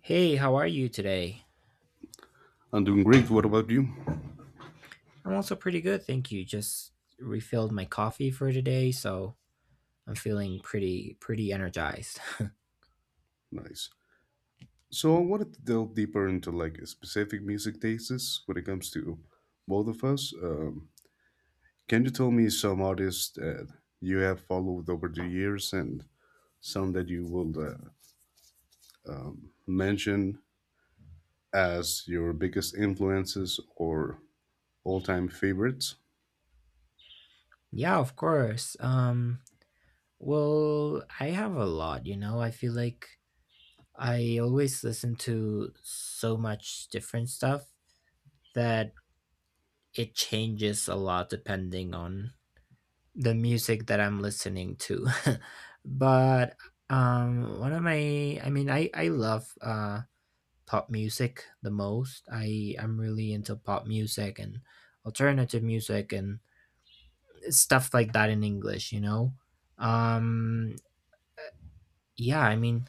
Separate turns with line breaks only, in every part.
Hey, how are you today?
I'm doing great. What about you?
I'm also pretty good, thank you. Just refilled my coffee for today, so I'm feeling pretty energized.
Nice. So I wanted to delve deeper into like a specific music tastes when it comes to both of us. Can you tell me some artists that you have followed over the years and some that you will mention as your biggest influences or all-time favorites?
Yeah, of course. Well, I have a lot. I feel like I always listen to so much different stuff that it changes a lot depending on the music that I'm listening to. But one of my I mean, I love pop music the most. I'm really into pop music and alternative music and stuff like that in English. Um yeah, I mean,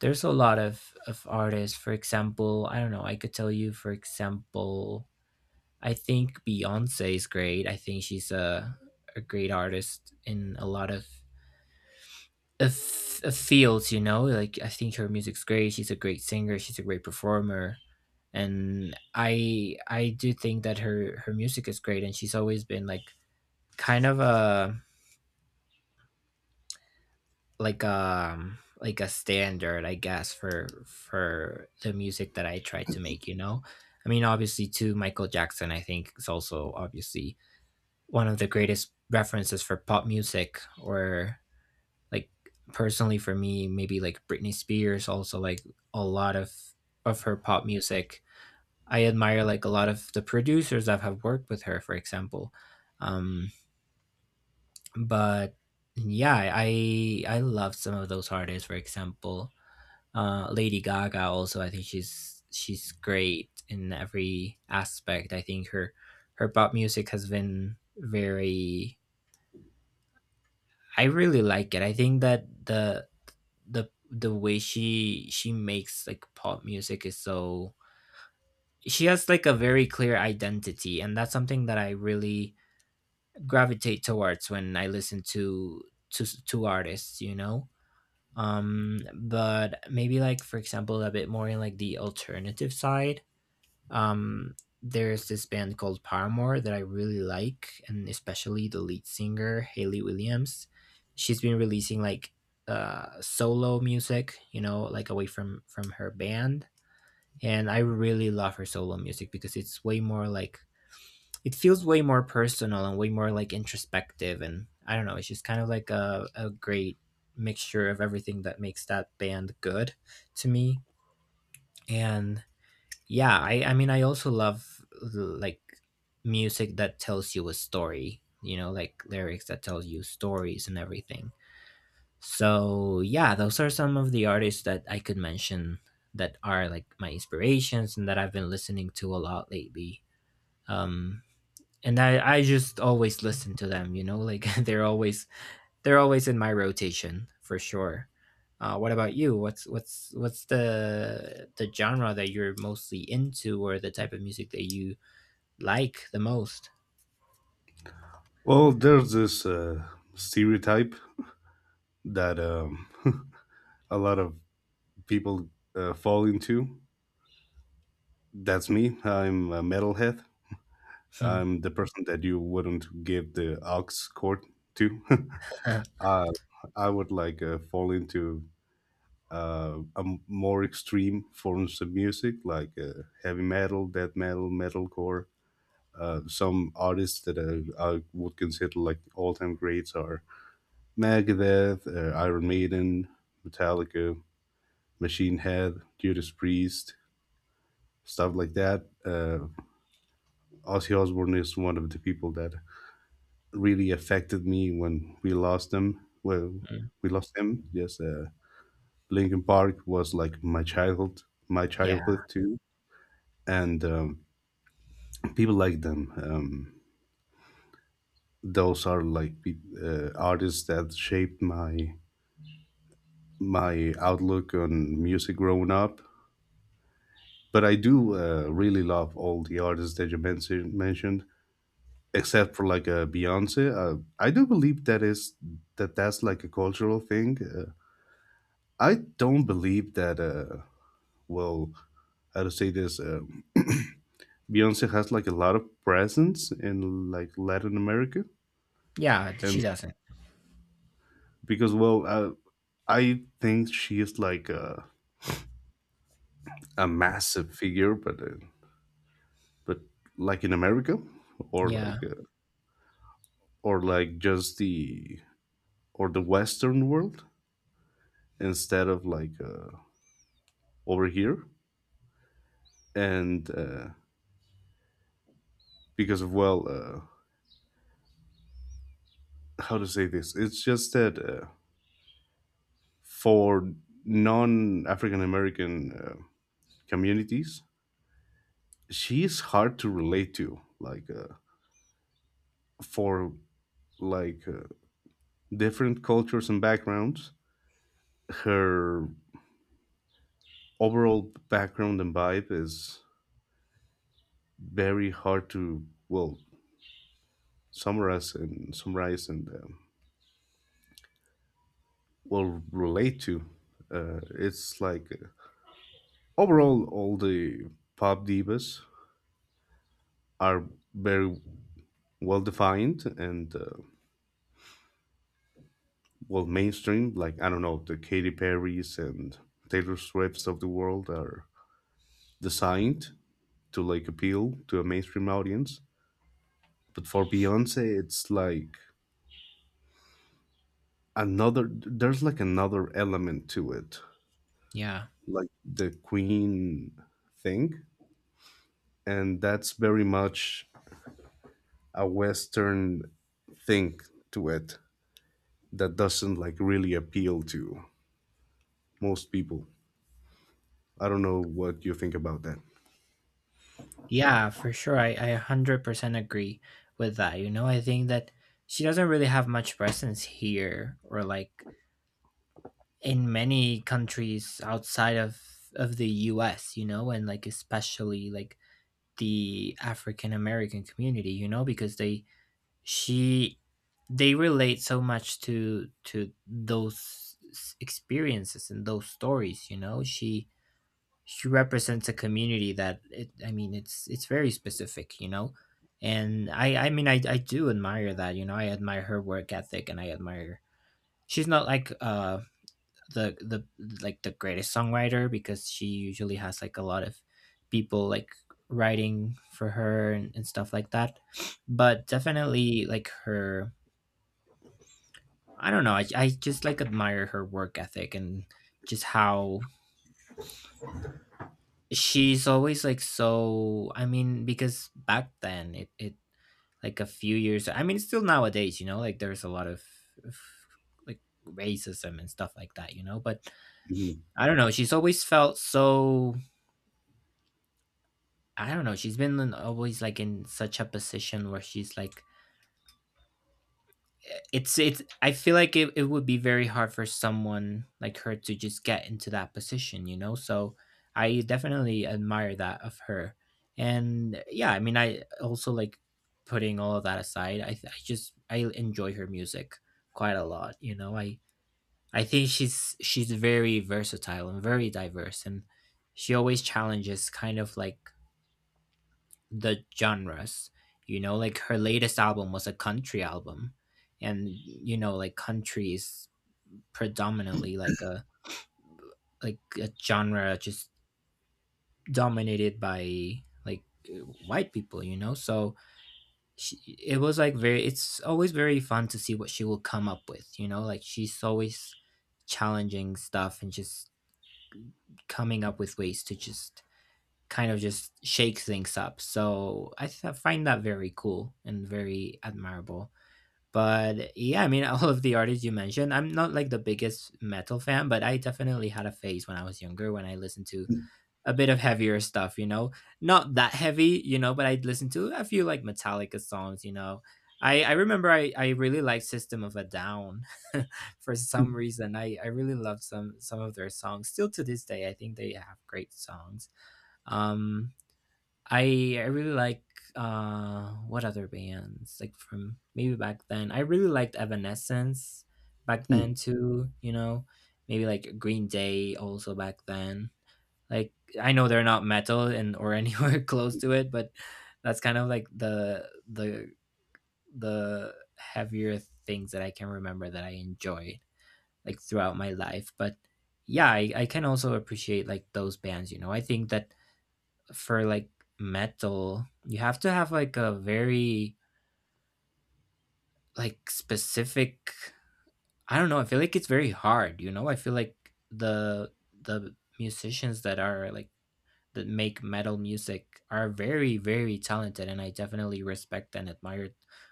there's a lot of artists. For example, I don't know, I could tell you, for example, I think Beyonce is great. I think she's a great artist in a lot of a fields, like I think her music's great. She's a great singer. She's a great performer. And I do think that her music is great, and she's always been like kind of a, like a standard, I guess, for the music that I try to make. I mean, obviously too, Michael Jackson, I think, is also obviously one of the greatest references for pop music, or like, personally for me, maybe like Britney Spears, also like a lot of her pop music. I admire like a lot of the producers that have worked with her, for example. Um, but yeah, I love some of those artists. For example, Lady Gaga. Also, I think she's great in every aspect. I think her pop music has been very. I really like it. I think that the way she makes like pop music is so, she has like a very clear identity, and that's something that I really gravitate towards when I listen to to artists. But maybe, like, for example, a bit more in like the alternative side. um, there's this band called Paramore that I really like, and especially the lead singer, Haley Williams. She's been releasing like solo music, like away from her band, and I really love her solo music because it's way more like, it feels way more personal and way more like introspective, and I don't know, it's just kind of like a great mixture of everything that makes that band good to me. And yeah, I mean, I also love like music that tells you a story, like lyrics that tell you stories and everything. So yeah, those are some of the artists that I could mention that are like my inspirations and that I've been listening to a lot lately. um and I just always listen to them, like they're always in my rotation for sure. What about you? What's the genre that you're mostly into, or the type of music that you like the most?
Well, there's this stereotype that a lot of people fall into. That's me. I'm a metalhead.
Hmm.
I'm the person that you wouldn't give the aux cord to. uh, I would like fall into more extreme forms of music, like heavy metal, death metal, metalcore. Some artists that I would consider like all-time greats are Megadeth, Iron Maiden, Metallica, Machine Head, Judas Priest, stuff like that. Ozzy Osbourne is one of the people that really affected me when we lost them. Well,
Mm.
we lost him. Yes, Linkin Park was like my childhood,
Yeah,
too, and people like them. Those are like pe- Artists that shaped my outlook on music growing up. But I do really love all the artists that you mentioned, except for like a Beyonce. I do believe that is that's like a cultural thing. I don't believe that. Well, how to say this? Beyonce has like a lot of presence in like Latin America,
yeah.
and
She doesn't.
because I think she is like a massive figure, but but like in America, or
Yeah,
like uh, or like just the or the Western world instead of like over here, and because of well, uh, how to say this? It's just that. For non African American communities, she is hard to relate to. Like for like different cultures and backgrounds, her overall background and vibe is very hard to summarize and relate to. It's like overall all the pop divas are very well defined and well mainstream. Like I don't know, the Katy Perry's and Taylor Swift's of the world are designed to like appeal to a mainstream audience, but for Beyonce it's like another there's like another element to it,
yeah,
like the queen thing. And that's very much a western thing to it that doesn't like really appeal to most people. I don't know what you think about that.
yeah. For sure, I 100% agree with that. You know, I think that she doesn't really have much presence here, or like in many countries outside of the U.S. You know, and like especially like the African American community, you know, because she they relate so much to those experiences and those stories, you know. She represents a community that I mean, it's very specific, you know. And I mean, I do admire that, you know. I admire her work ethic, and I admire, she's not like the like the greatest songwriter, because she usually has like a lot of people like writing for her, and stuff like that. But definitely, like, her, I don't know, I just like admire her work ethic and just how she's always like, so, I mean, because back then it like a few years, I mean, still nowadays, you know, like there's a lot of like racism and stuff like that, you know, but I don't know, she's always felt so, I don't know. She's been always like in such a position where she's like, it's. I feel like it would be very hard for someone like her to just get into that position, you know. So, I definitely admire that of her, and yeah, I mean, I also like, putting all of that aside, I th- I just I enjoy her music quite a lot, you know. I think she's very versatile and very diverse, and she always challenges kind of like the genres. You know, like, her latest album was a country album, and you know, like country is predominantly like a genre just dominated by like uh, white people. You know, so she, it was like very. It's always very fun to see what she will come up with. You know, like, she's always challenging stuff and just coming up with ways to just kind of just shake things up. So find that very cool and very admirable. But yeah, I mean, all of the artists you mentioned, I'm not like the biggest metal fan, but I definitely had a phase when I was younger when I listened to a bit of heavier not that but I'd listen to a few like Metallica songs. I remember, I really liked System of a Down for some reason. I really love some of their songs. Still to this day, I think they have great songs. Um, I really like what other bands like from maybe back then. I really liked Evanescence back then too, Maybe like Green Day also back then. Like, I know they're not metal and or anywhere close to it, but that's kind of like the heavier things that I can remember that I enjoyed like throughout my life. But yeah, I can also appreciate like those bands, you know. I think that for like metal, you have to have like a very like specific, I don't know, I feel like it's very hard, you know? I feel like the musicians that are like that make metal music are very very talented, and I definitely respect and admire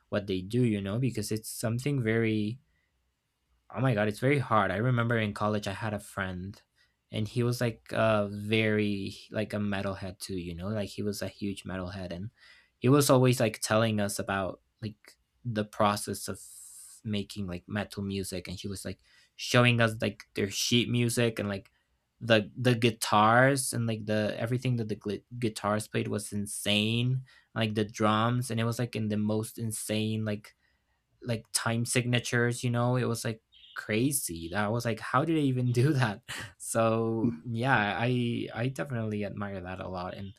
what they do, you know, because it's something very, oh my god, it's very hard. I remember in college I had a friend, and he was like very like a metalhead too, you know, like he was a huge metalhead, and he was always like telling us about like the process of making like metal music, and he was like showing us like their sheet music, and like the guitars, and like, the everything that the gli guitars played was insane, like the drums, and it was like in the most insane like time signatures, you know. It was like crazy. I was like, how did they even do that? So yeah, I definitely admire that a lot, and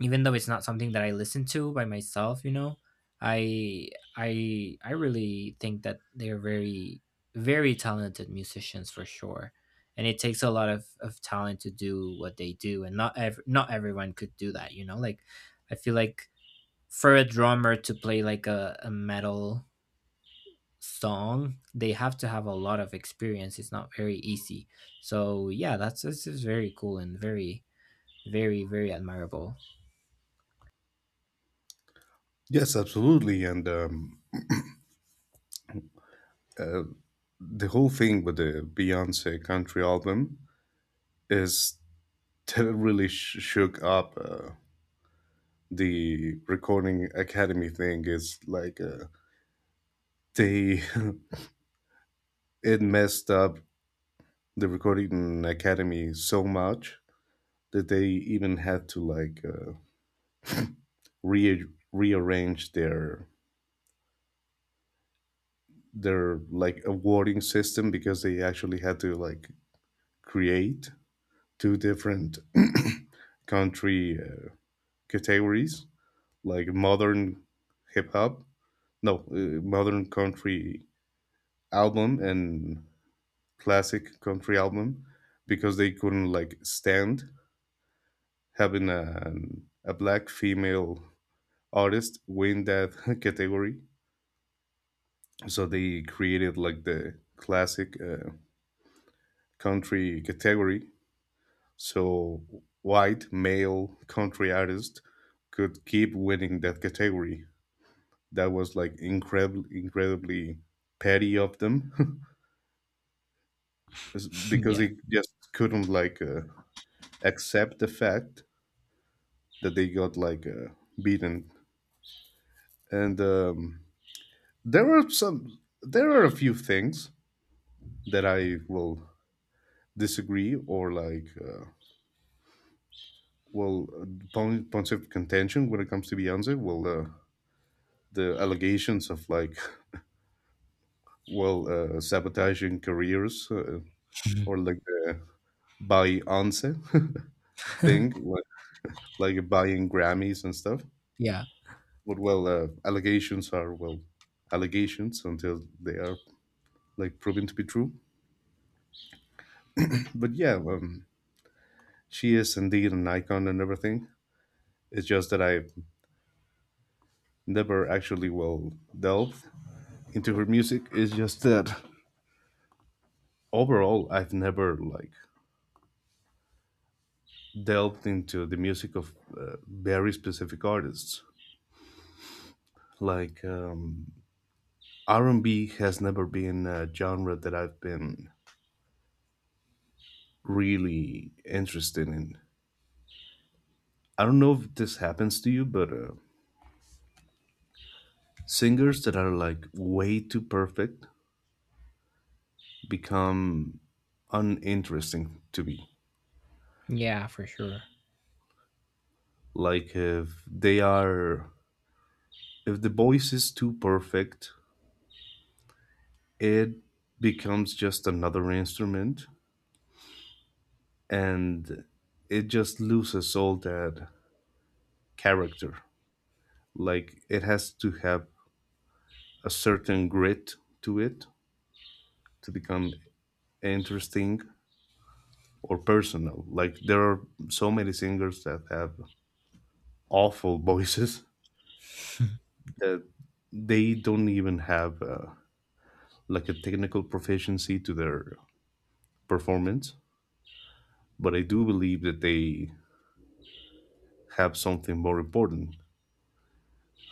even though it's not something that I listen to by myself, you know, i I really think that they're very very talented musicians for sure, and it takes a lot of talent to do what they do, and not not everyone could do that, you know, like, I feel like for a drummer to play like a metal song, they have to have a lot of experience. It's not very easy. So yeah, that's this is very cool and very very very admirable.
Yes, absolutely. And the whole thing with the Beyonce country album is that it really shook up the recording academy thing. Is like they it messed up the recording academy so much that they even had to like re- rearrange their like awarding system, because they actually had to like create two different country categories, like modern hip hop, no, modern country album and classic country album, because they couldn't like stand having a black female artist win that category. So they created like the classic country category. So white male country artist could keep winning that category. That was like incredibly incredibly petty of them. It's because
Yeah.
they just couldn't like accept the fact that they got like beaten. And there were some there are a few things that I will disagree or like well uh, points of contention when it comes to Beyonce. The allegations of like sabotaging careers, or like the by once thing, like buying Grammys and stuff.
Yeah,
But allegations are allegations until they are like proven to be true. But yeah, she is indeed an icon and everything. It's just that I never actually delved into her music. It's just that overall, I've never like delved into the music of very specific artists. Like R and B has never been a genre that I've been really interested in. I don't know if this happens to you, but singers that are like way too perfect become uninteresting to me.
yeah, for sure.
Like if they are, if the voice is too perfect, it becomes just another instrument and it just loses all that character. Like it has to have a certain grit to it to become interesting or personal. Like there are so many singers that have awful voices that they don't even have like a technical proficiency to their performance. But I do believe that they have something more important,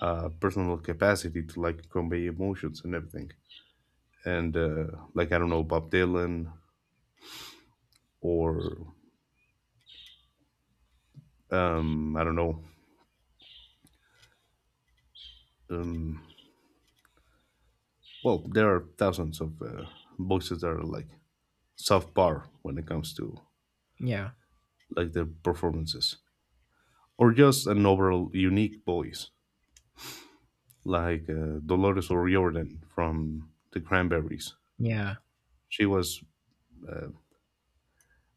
personal capacity to like convey emotions and everything. And like I don't know, Bob Dylan or I don't know. Well, there are thousands of voices that are like soft bar when it comes to
Yeah,
like their performances, or just an overall unique voice, like Dolores O'Riordan from the Cranberries.
yeah.
She was,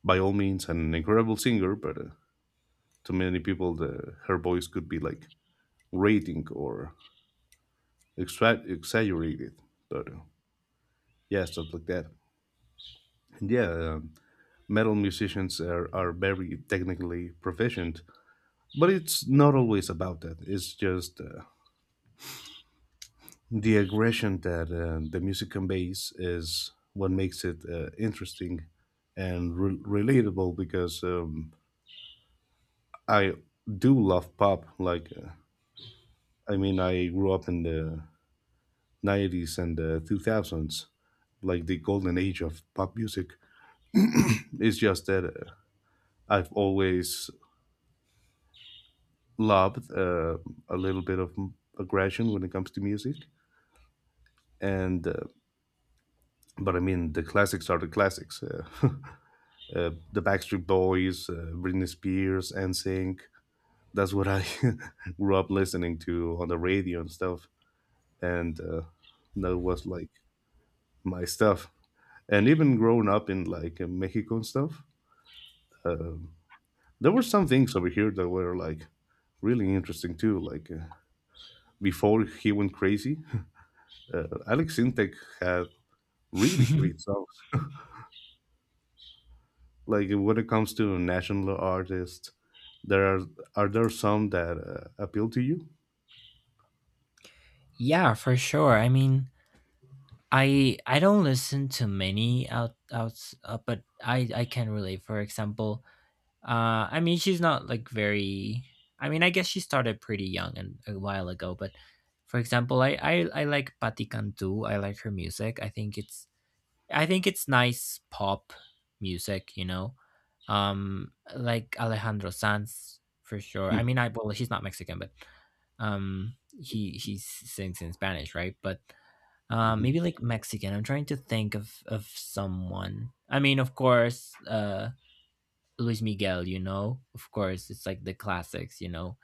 by all means, an incredible singer, but to many people, her voice could be like rating or exaggerated. But yeah, stuff like that. And yeah, metal musicians are very technically proficient, but it's not always about that. It's just the aggression that the music conveys is what makes it interesting and relatable. Because I do love pop. Like, I mean, I grew up in the 90s and the 2000s, like the golden age of pop music. It's just that I've always loved a little bit of aggression when it comes to music. And, but I mean, the classics are the classics. The Backstreet Boys, Britney Spears, NSYNC. That's what I grew up listening to on the radio and stuff, and that was like my stuff. And even growing up in like Mexico and stuff, there were some things over here that were like really interesting too. Like before he went crazy, Alex Sintek had really great songs. Like when it comes to national artists, there are there some that appeal to you?
Yeah, for sure, I mean, I don't listen to many outs, but I can relate, for example. I mean, she's not like very. I mean, I guess she started pretty young and a while ago. But for example, I like Patti Cantu. I like her music. I think it's nice pop music. You know, like Alejandro Sanz for sure. I mean, I well, he's not Mexican, but he sings in Spanish, right? But
Mm-hmm.
maybe like Mexican. I'm trying to think of someone. I mean, of course, Luis Miguel, you know, of course, it's like the classics, you know,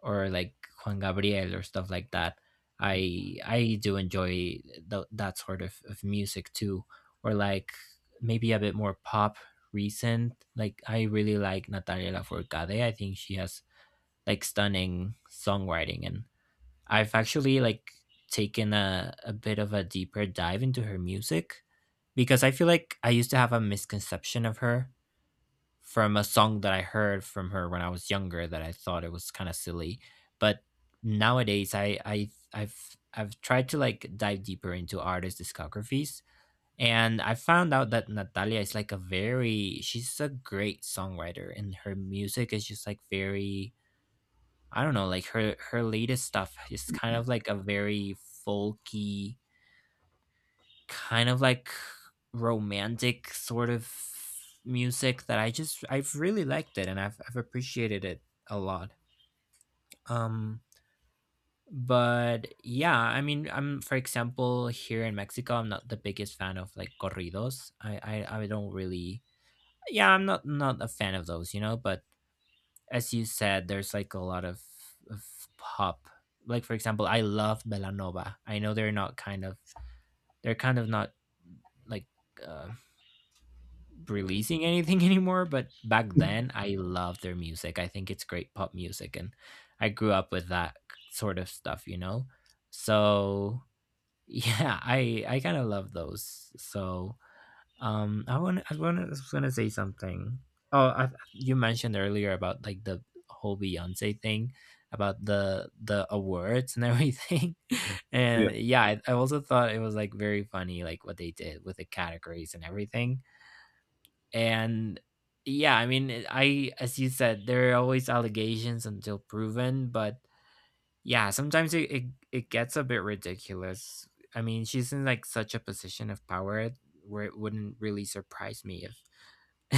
or like Juan Gabriel or stuff like that. I do enjoy that sort of music too, or like maybe a bit more pop recent. Like, I really like Natalia Lafourcade. I think she has like stunning songwriting, and I've actually like taken a bit of a deeper dive into her music because I feel like I used to have a misconception of her from a song that I heard from her when I was younger that I thought it was kind of silly. But nowadays, I've tried to like dive deeper into artist discographies, and I found out that Natalia is like a very she's a great songwriter, and her music is just like very I don't know, like her latest stuff is kind of like a very folky kind of like romantic sort of music that I just I've really liked it and I've appreciated it a lot. Um but yeah, I mean I'm for example here in Mexico I'm not the biggest fan of like corridos. I don't really yeah, I'm not not a fan of those, you know, but as you said, there's like a lot of pop. Like for example, I love Belanova. I know they're not kind of they're kind of not like uh, releasing anything anymore, but back then I loved their music. I think it's great pop music, and I grew up with that sort of stuff, you know. So yeah, I kind of love those. So I want was gonna say something. Oh, I, you mentioned earlier about like the whole Beyonce thing about the awards and everything and yeah I also thought it was like very funny like what they did with the categories and everything and yeah I mean it- I as you said there are always allegations until proven but yeah sometimes it gets a bit ridiculous. I mean she's in like such a position of power where it wouldn't really surprise me if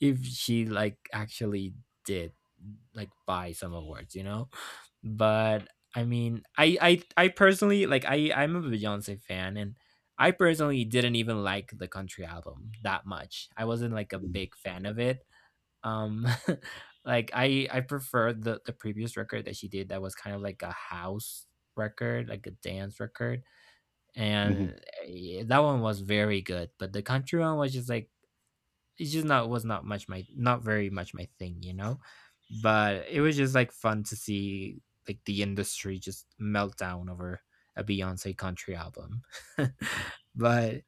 if she like actually did like buy some awards, you know, but I mean, I personally like I'm a Beyonce fan, and I personally didn't even like the country album that much. I wasn't like a big fan of it. Um, like I preferred the previous record that she did that was kind of like a house record, like a dance record,
Mhm.
and that one was very good. But the country one was just like it's just not much my not very much my thing, you know. But it was just like fun to see like the industry just melt down over a Beyonce country album. But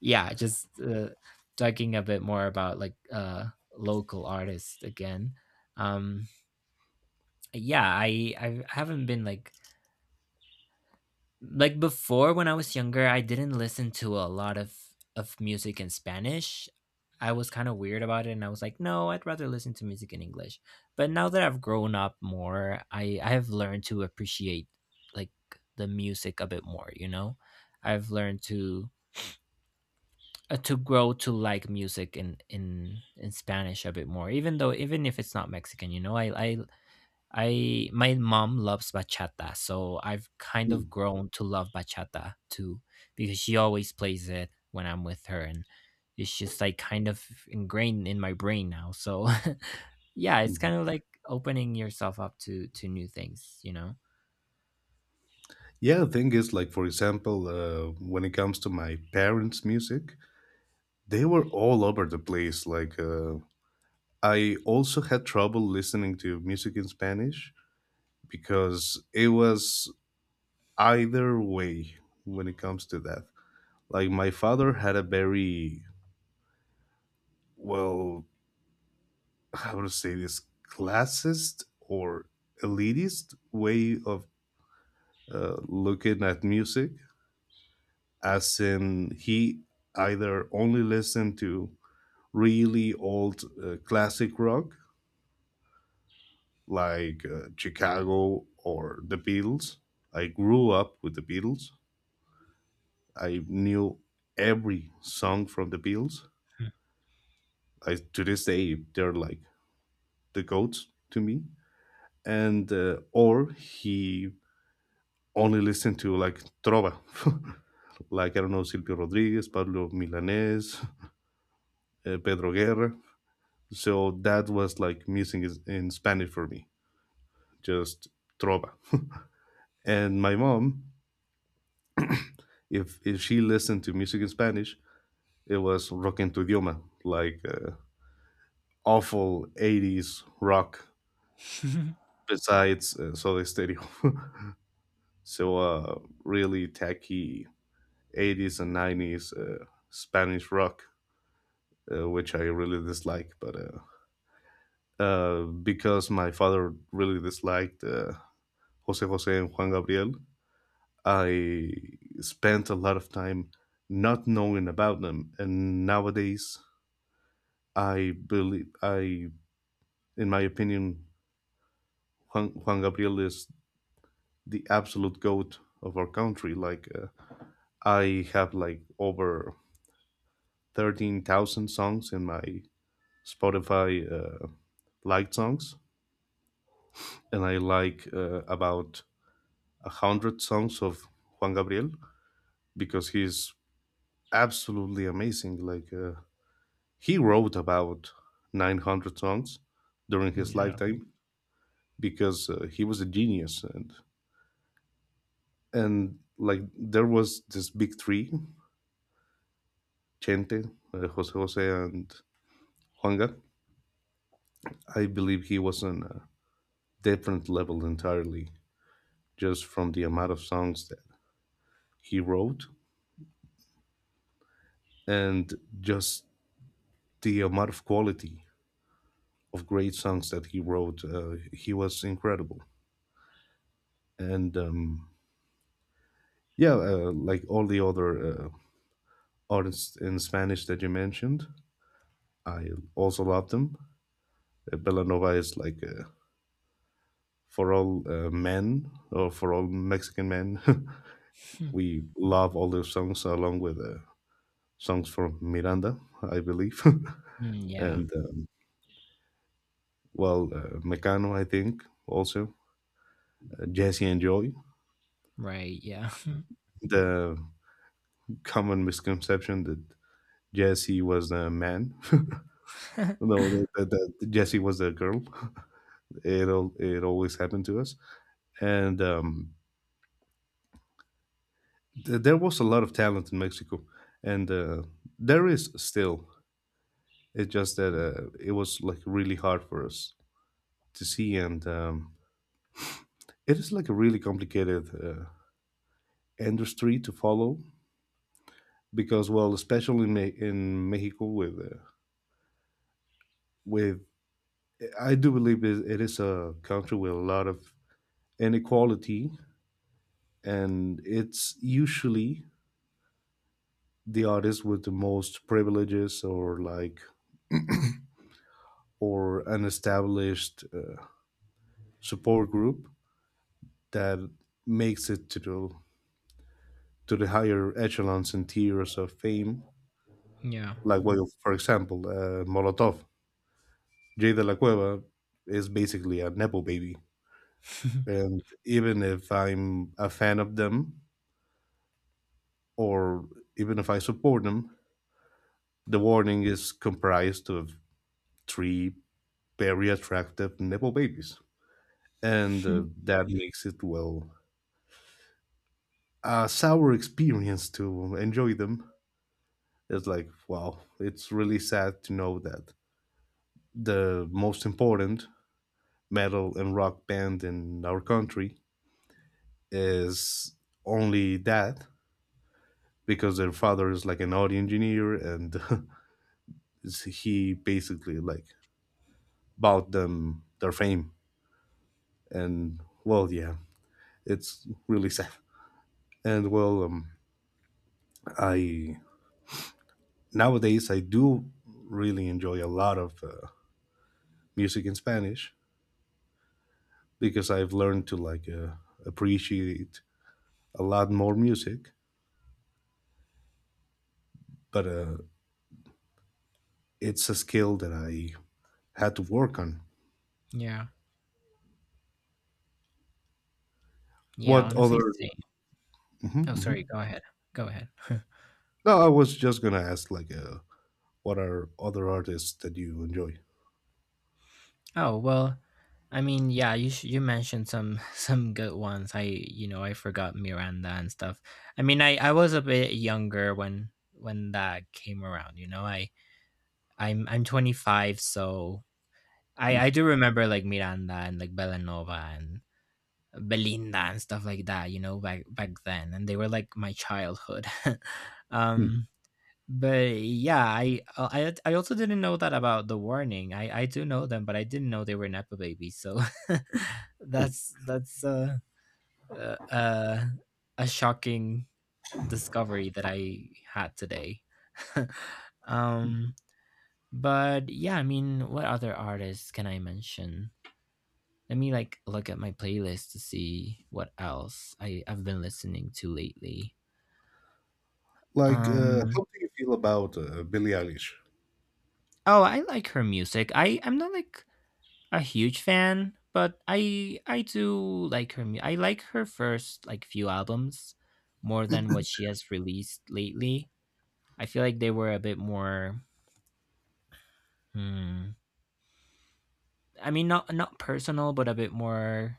yeah, just talking a bit more about like local artists again. Um yeah, I haven't been like before when I was younger, I didn't listen to a lot of music in Spanish. I was kind of weird about it and I was like, "No, I'd rather listen to music in English." But now that I've grown up more, I have learned to appreciate like the music a bit more, you know? I've learned to grow to like music in Spanish a bit more, even though even if it's not Mexican, you know? I my mom loves bachata, so I've kind of
Mm,
grown to love bachata too because she always plays it when I'm with her and it's just like kind of ingrained in my brain now. So yeah, it's
mhm.
kind of like opening yourself up to new things, you know.
Yeah, the thing is, like, for example, when it comes to my parents' music, they were all over the place. Like, I also had trouble listening to music in Spanish because it was either way when it comes to that. Like, my father had a very, well, how to say this, classist or elitist way of looking at music, as in he either only listened to really old classic rock like Chicago or the Beatles. I grew up with the Beatles. I knew every song from the Beatles.
Hmm.
I to this day they're like the goats to me. And or he only listened to like trova, like I don't know, Silvio Rodriguez, Pablo Milanés, Pedro Guerra. So that was like missing in Spanish for me, just trova. And my mom, if she listened to music in Spanish, it was rock en tu idioma, like awful 80s rock besides Soda Stereo. So really tacky 80s and 90s Spanish rock, which I really dislike. But because my father really disliked Jose Jose and Juan Gabriel, I spent a lot of time not knowing about them. And nowadays I believe in my opinion, Juan Gabriel is the absolute goat of our country. Like I have like over 13,000 songs in my Spotify liked songs, and I like about a hundred songs of Juan Gabriel, because he's absolutely amazing. Like. He wrote about 900 songs during his
Yeah.
lifetime, because he was a genius. And like there was this big three, Chente, Jose Jose, and Juanga. I believe he was on a different level entirely, just from the amount of songs that he wrote and just the amount of quality of great songs that he wrote. He was incredible. And yeah, like all the other Or in Spanish that you mentioned, I also love them. Belanova is like for all Mexican men.
Hmm.
We love all their songs along with songs from Miranda, I believe.
Mm, yeah.
And Mecano, I think, also. Jesse and Joy.
Right. Yeah.
The common misconception that Jesse was a man. No, that Jesse was a girl. It, it always happened to us. And there was a lot of talent in Mexico, and there is still. It's just that it was like really hard for us to see, and it is like a really complicated industry to follow, because, well, especially in, in Mexico, with with I do believe it is a country with a lot of inequality, and it's usually the artists with the most privileges, or like or an established support group that makes it to the higher echelons and tiers of fame.
Yeah.
Like, well, for example, Molotov, Jay de la Cueva is basically a nepo baby, and even if I'm a fan of them, or even if I support them, the warning is comprised of three very attractive nepo babies, and that makes it a sour experience to enjoy them. It's like, wow, it's really sad to know that the most important metal and rock band in our country is only that because their father is like an audio engineer. And he basically like bought them their fame, and well, yeah, it's really sad. And well, I nowadays I do really enjoy a lot of music in Spanish, because I've learned to like appreciate a lot more music, but it's a skill that I had to work on.
Yeah. Yeah.
What
Honestly,
other?
same.
Mhm,
Oh, sorry.
mhm.
Go ahead. Go ahead.
No, I was just gonna ask, like, what are other artists that you enjoy?
Oh, well, I mean, yeah, you you mentioned some some good ones. I, you know, I forgot Miranda and stuff. I mean, I was a bit younger when that came around, you know. I'm 25, so
Hmm,
I do remember like Miranda and like Belanova and Belinda and stuff like that, you know, back back then, and they were like my childhood.
hmm.
um but yeah, I also didn't know that about the warning. I do know them, but I didn't know they were Nepo babies. So that's uh, uh, a shocking discovery that I had today. um, but yeah, I mean, what other artists can I mention? Let me like look at my playlist to see what else I I've been listening to lately.
Like,
Um,
how do you feel about Billie Eilish?
Oh, I like her music. I I'm not like a huge fan, but I do like her. I like her first like few albums more than what she has released lately. I feel like they were a bit more. Hmm, I mean, not not personal, but a bit more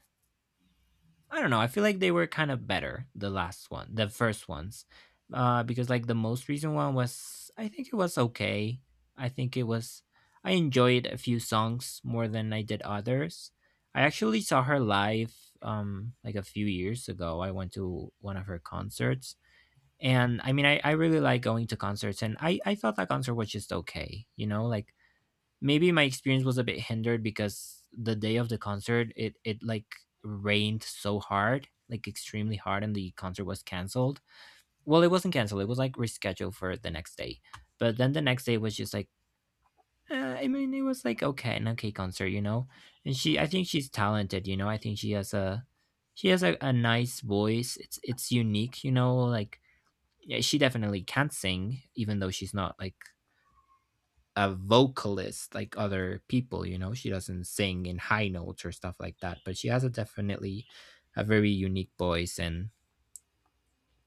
I don't know. I feel like they were kind of better the last one, the first ones, because like the most recent one was, I think it was okay. I think it was. I enjoyed a few songs more than I did others. I actually saw her live, like a few years ago. I went to one of her concerts, and I mean, I really like going to concerts, and I thought that concert was just okay. You know, like maybe my experience was a bit hindered because the day of the concert it like rained so hard like extremely hard and the concert was canceled, well it wasn't canceled it was like rescheduled for the next day, but then the next day was just like uh, I mean it was like okay, an okay concert, you know, and she I think she's talented, you know, I think she has a nice voice, it's unique, you know, like yeah, she definitely can sing even though she's not like a vocalist like other people, you know, she doesn't sing in high notes or stuff like that, but she has a definitely a very unique voice, and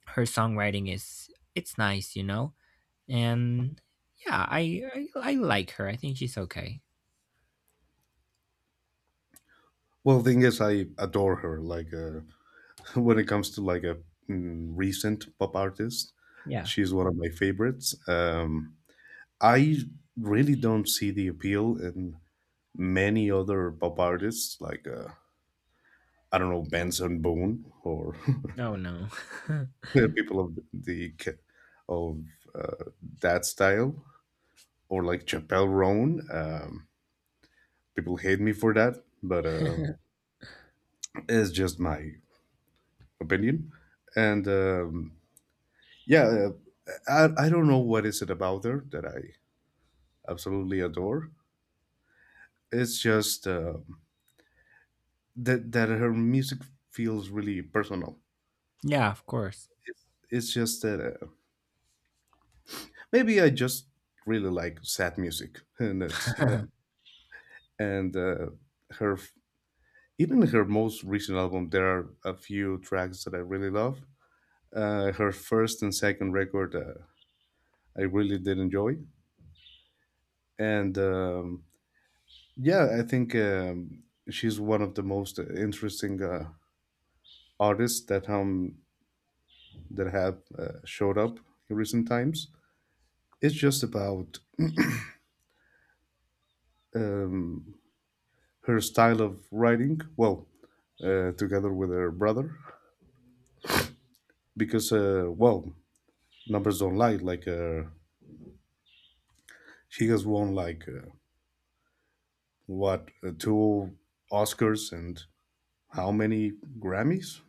her songwriting is it's nice, you know, and yeah I like her, I think she's okay.
Well, thing is, I adore her. Like, when it comes to like a recent pop artist,
Yeah.
she's one of my favorites. I really don't see the appeal in many other pop artists, like I don't know, Benson Boone or
Oh no.
people of the of uh, that style or like Chappelle Roan. People hate me for that, but it's just my opinion. And yeah, uh, I don't know what is it about her that I absolutely adore. It's just that her music feels really personal.
Yeah, of course.
It's just that maybe I just really like sad music, and it's and her Even in her most recent album, there are a few tracks that I really love. Her first and second record, I really did enjoy. And yeah, I think she's one of the most interesting artists that that have showed up in recent times. It's just about um, her style of writing. Well, together with her brother, because numbers don't lie. Like she has won like. What Two Oscars and how many Grammys?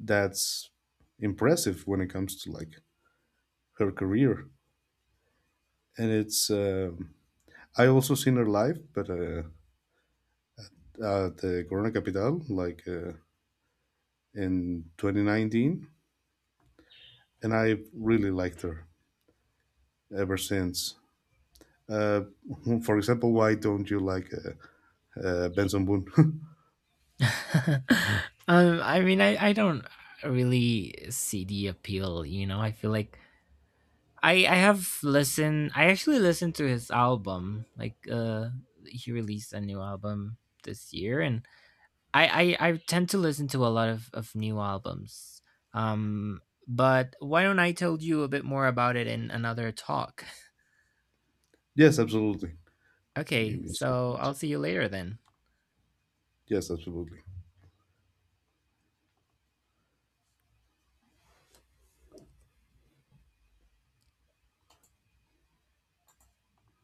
That's impressive when it comes to like her career. And it's I also seen her live, but at the Corona Capital, like in 2019, and I really liked her ever since. Uh, for example, why don't you like Benson Boone?
um I mean I don't really see the appeal, you know, I feel like I have listened. I actually listened to his album. Like he released a new album this year, and I tend to listen to a lot of new albums. Um, but why don't I tell you a bit more about it in another talk?
Yes, absolutely. Give
Okay,
me a
so
second.
I'll see you later then.
Yes, absolutely.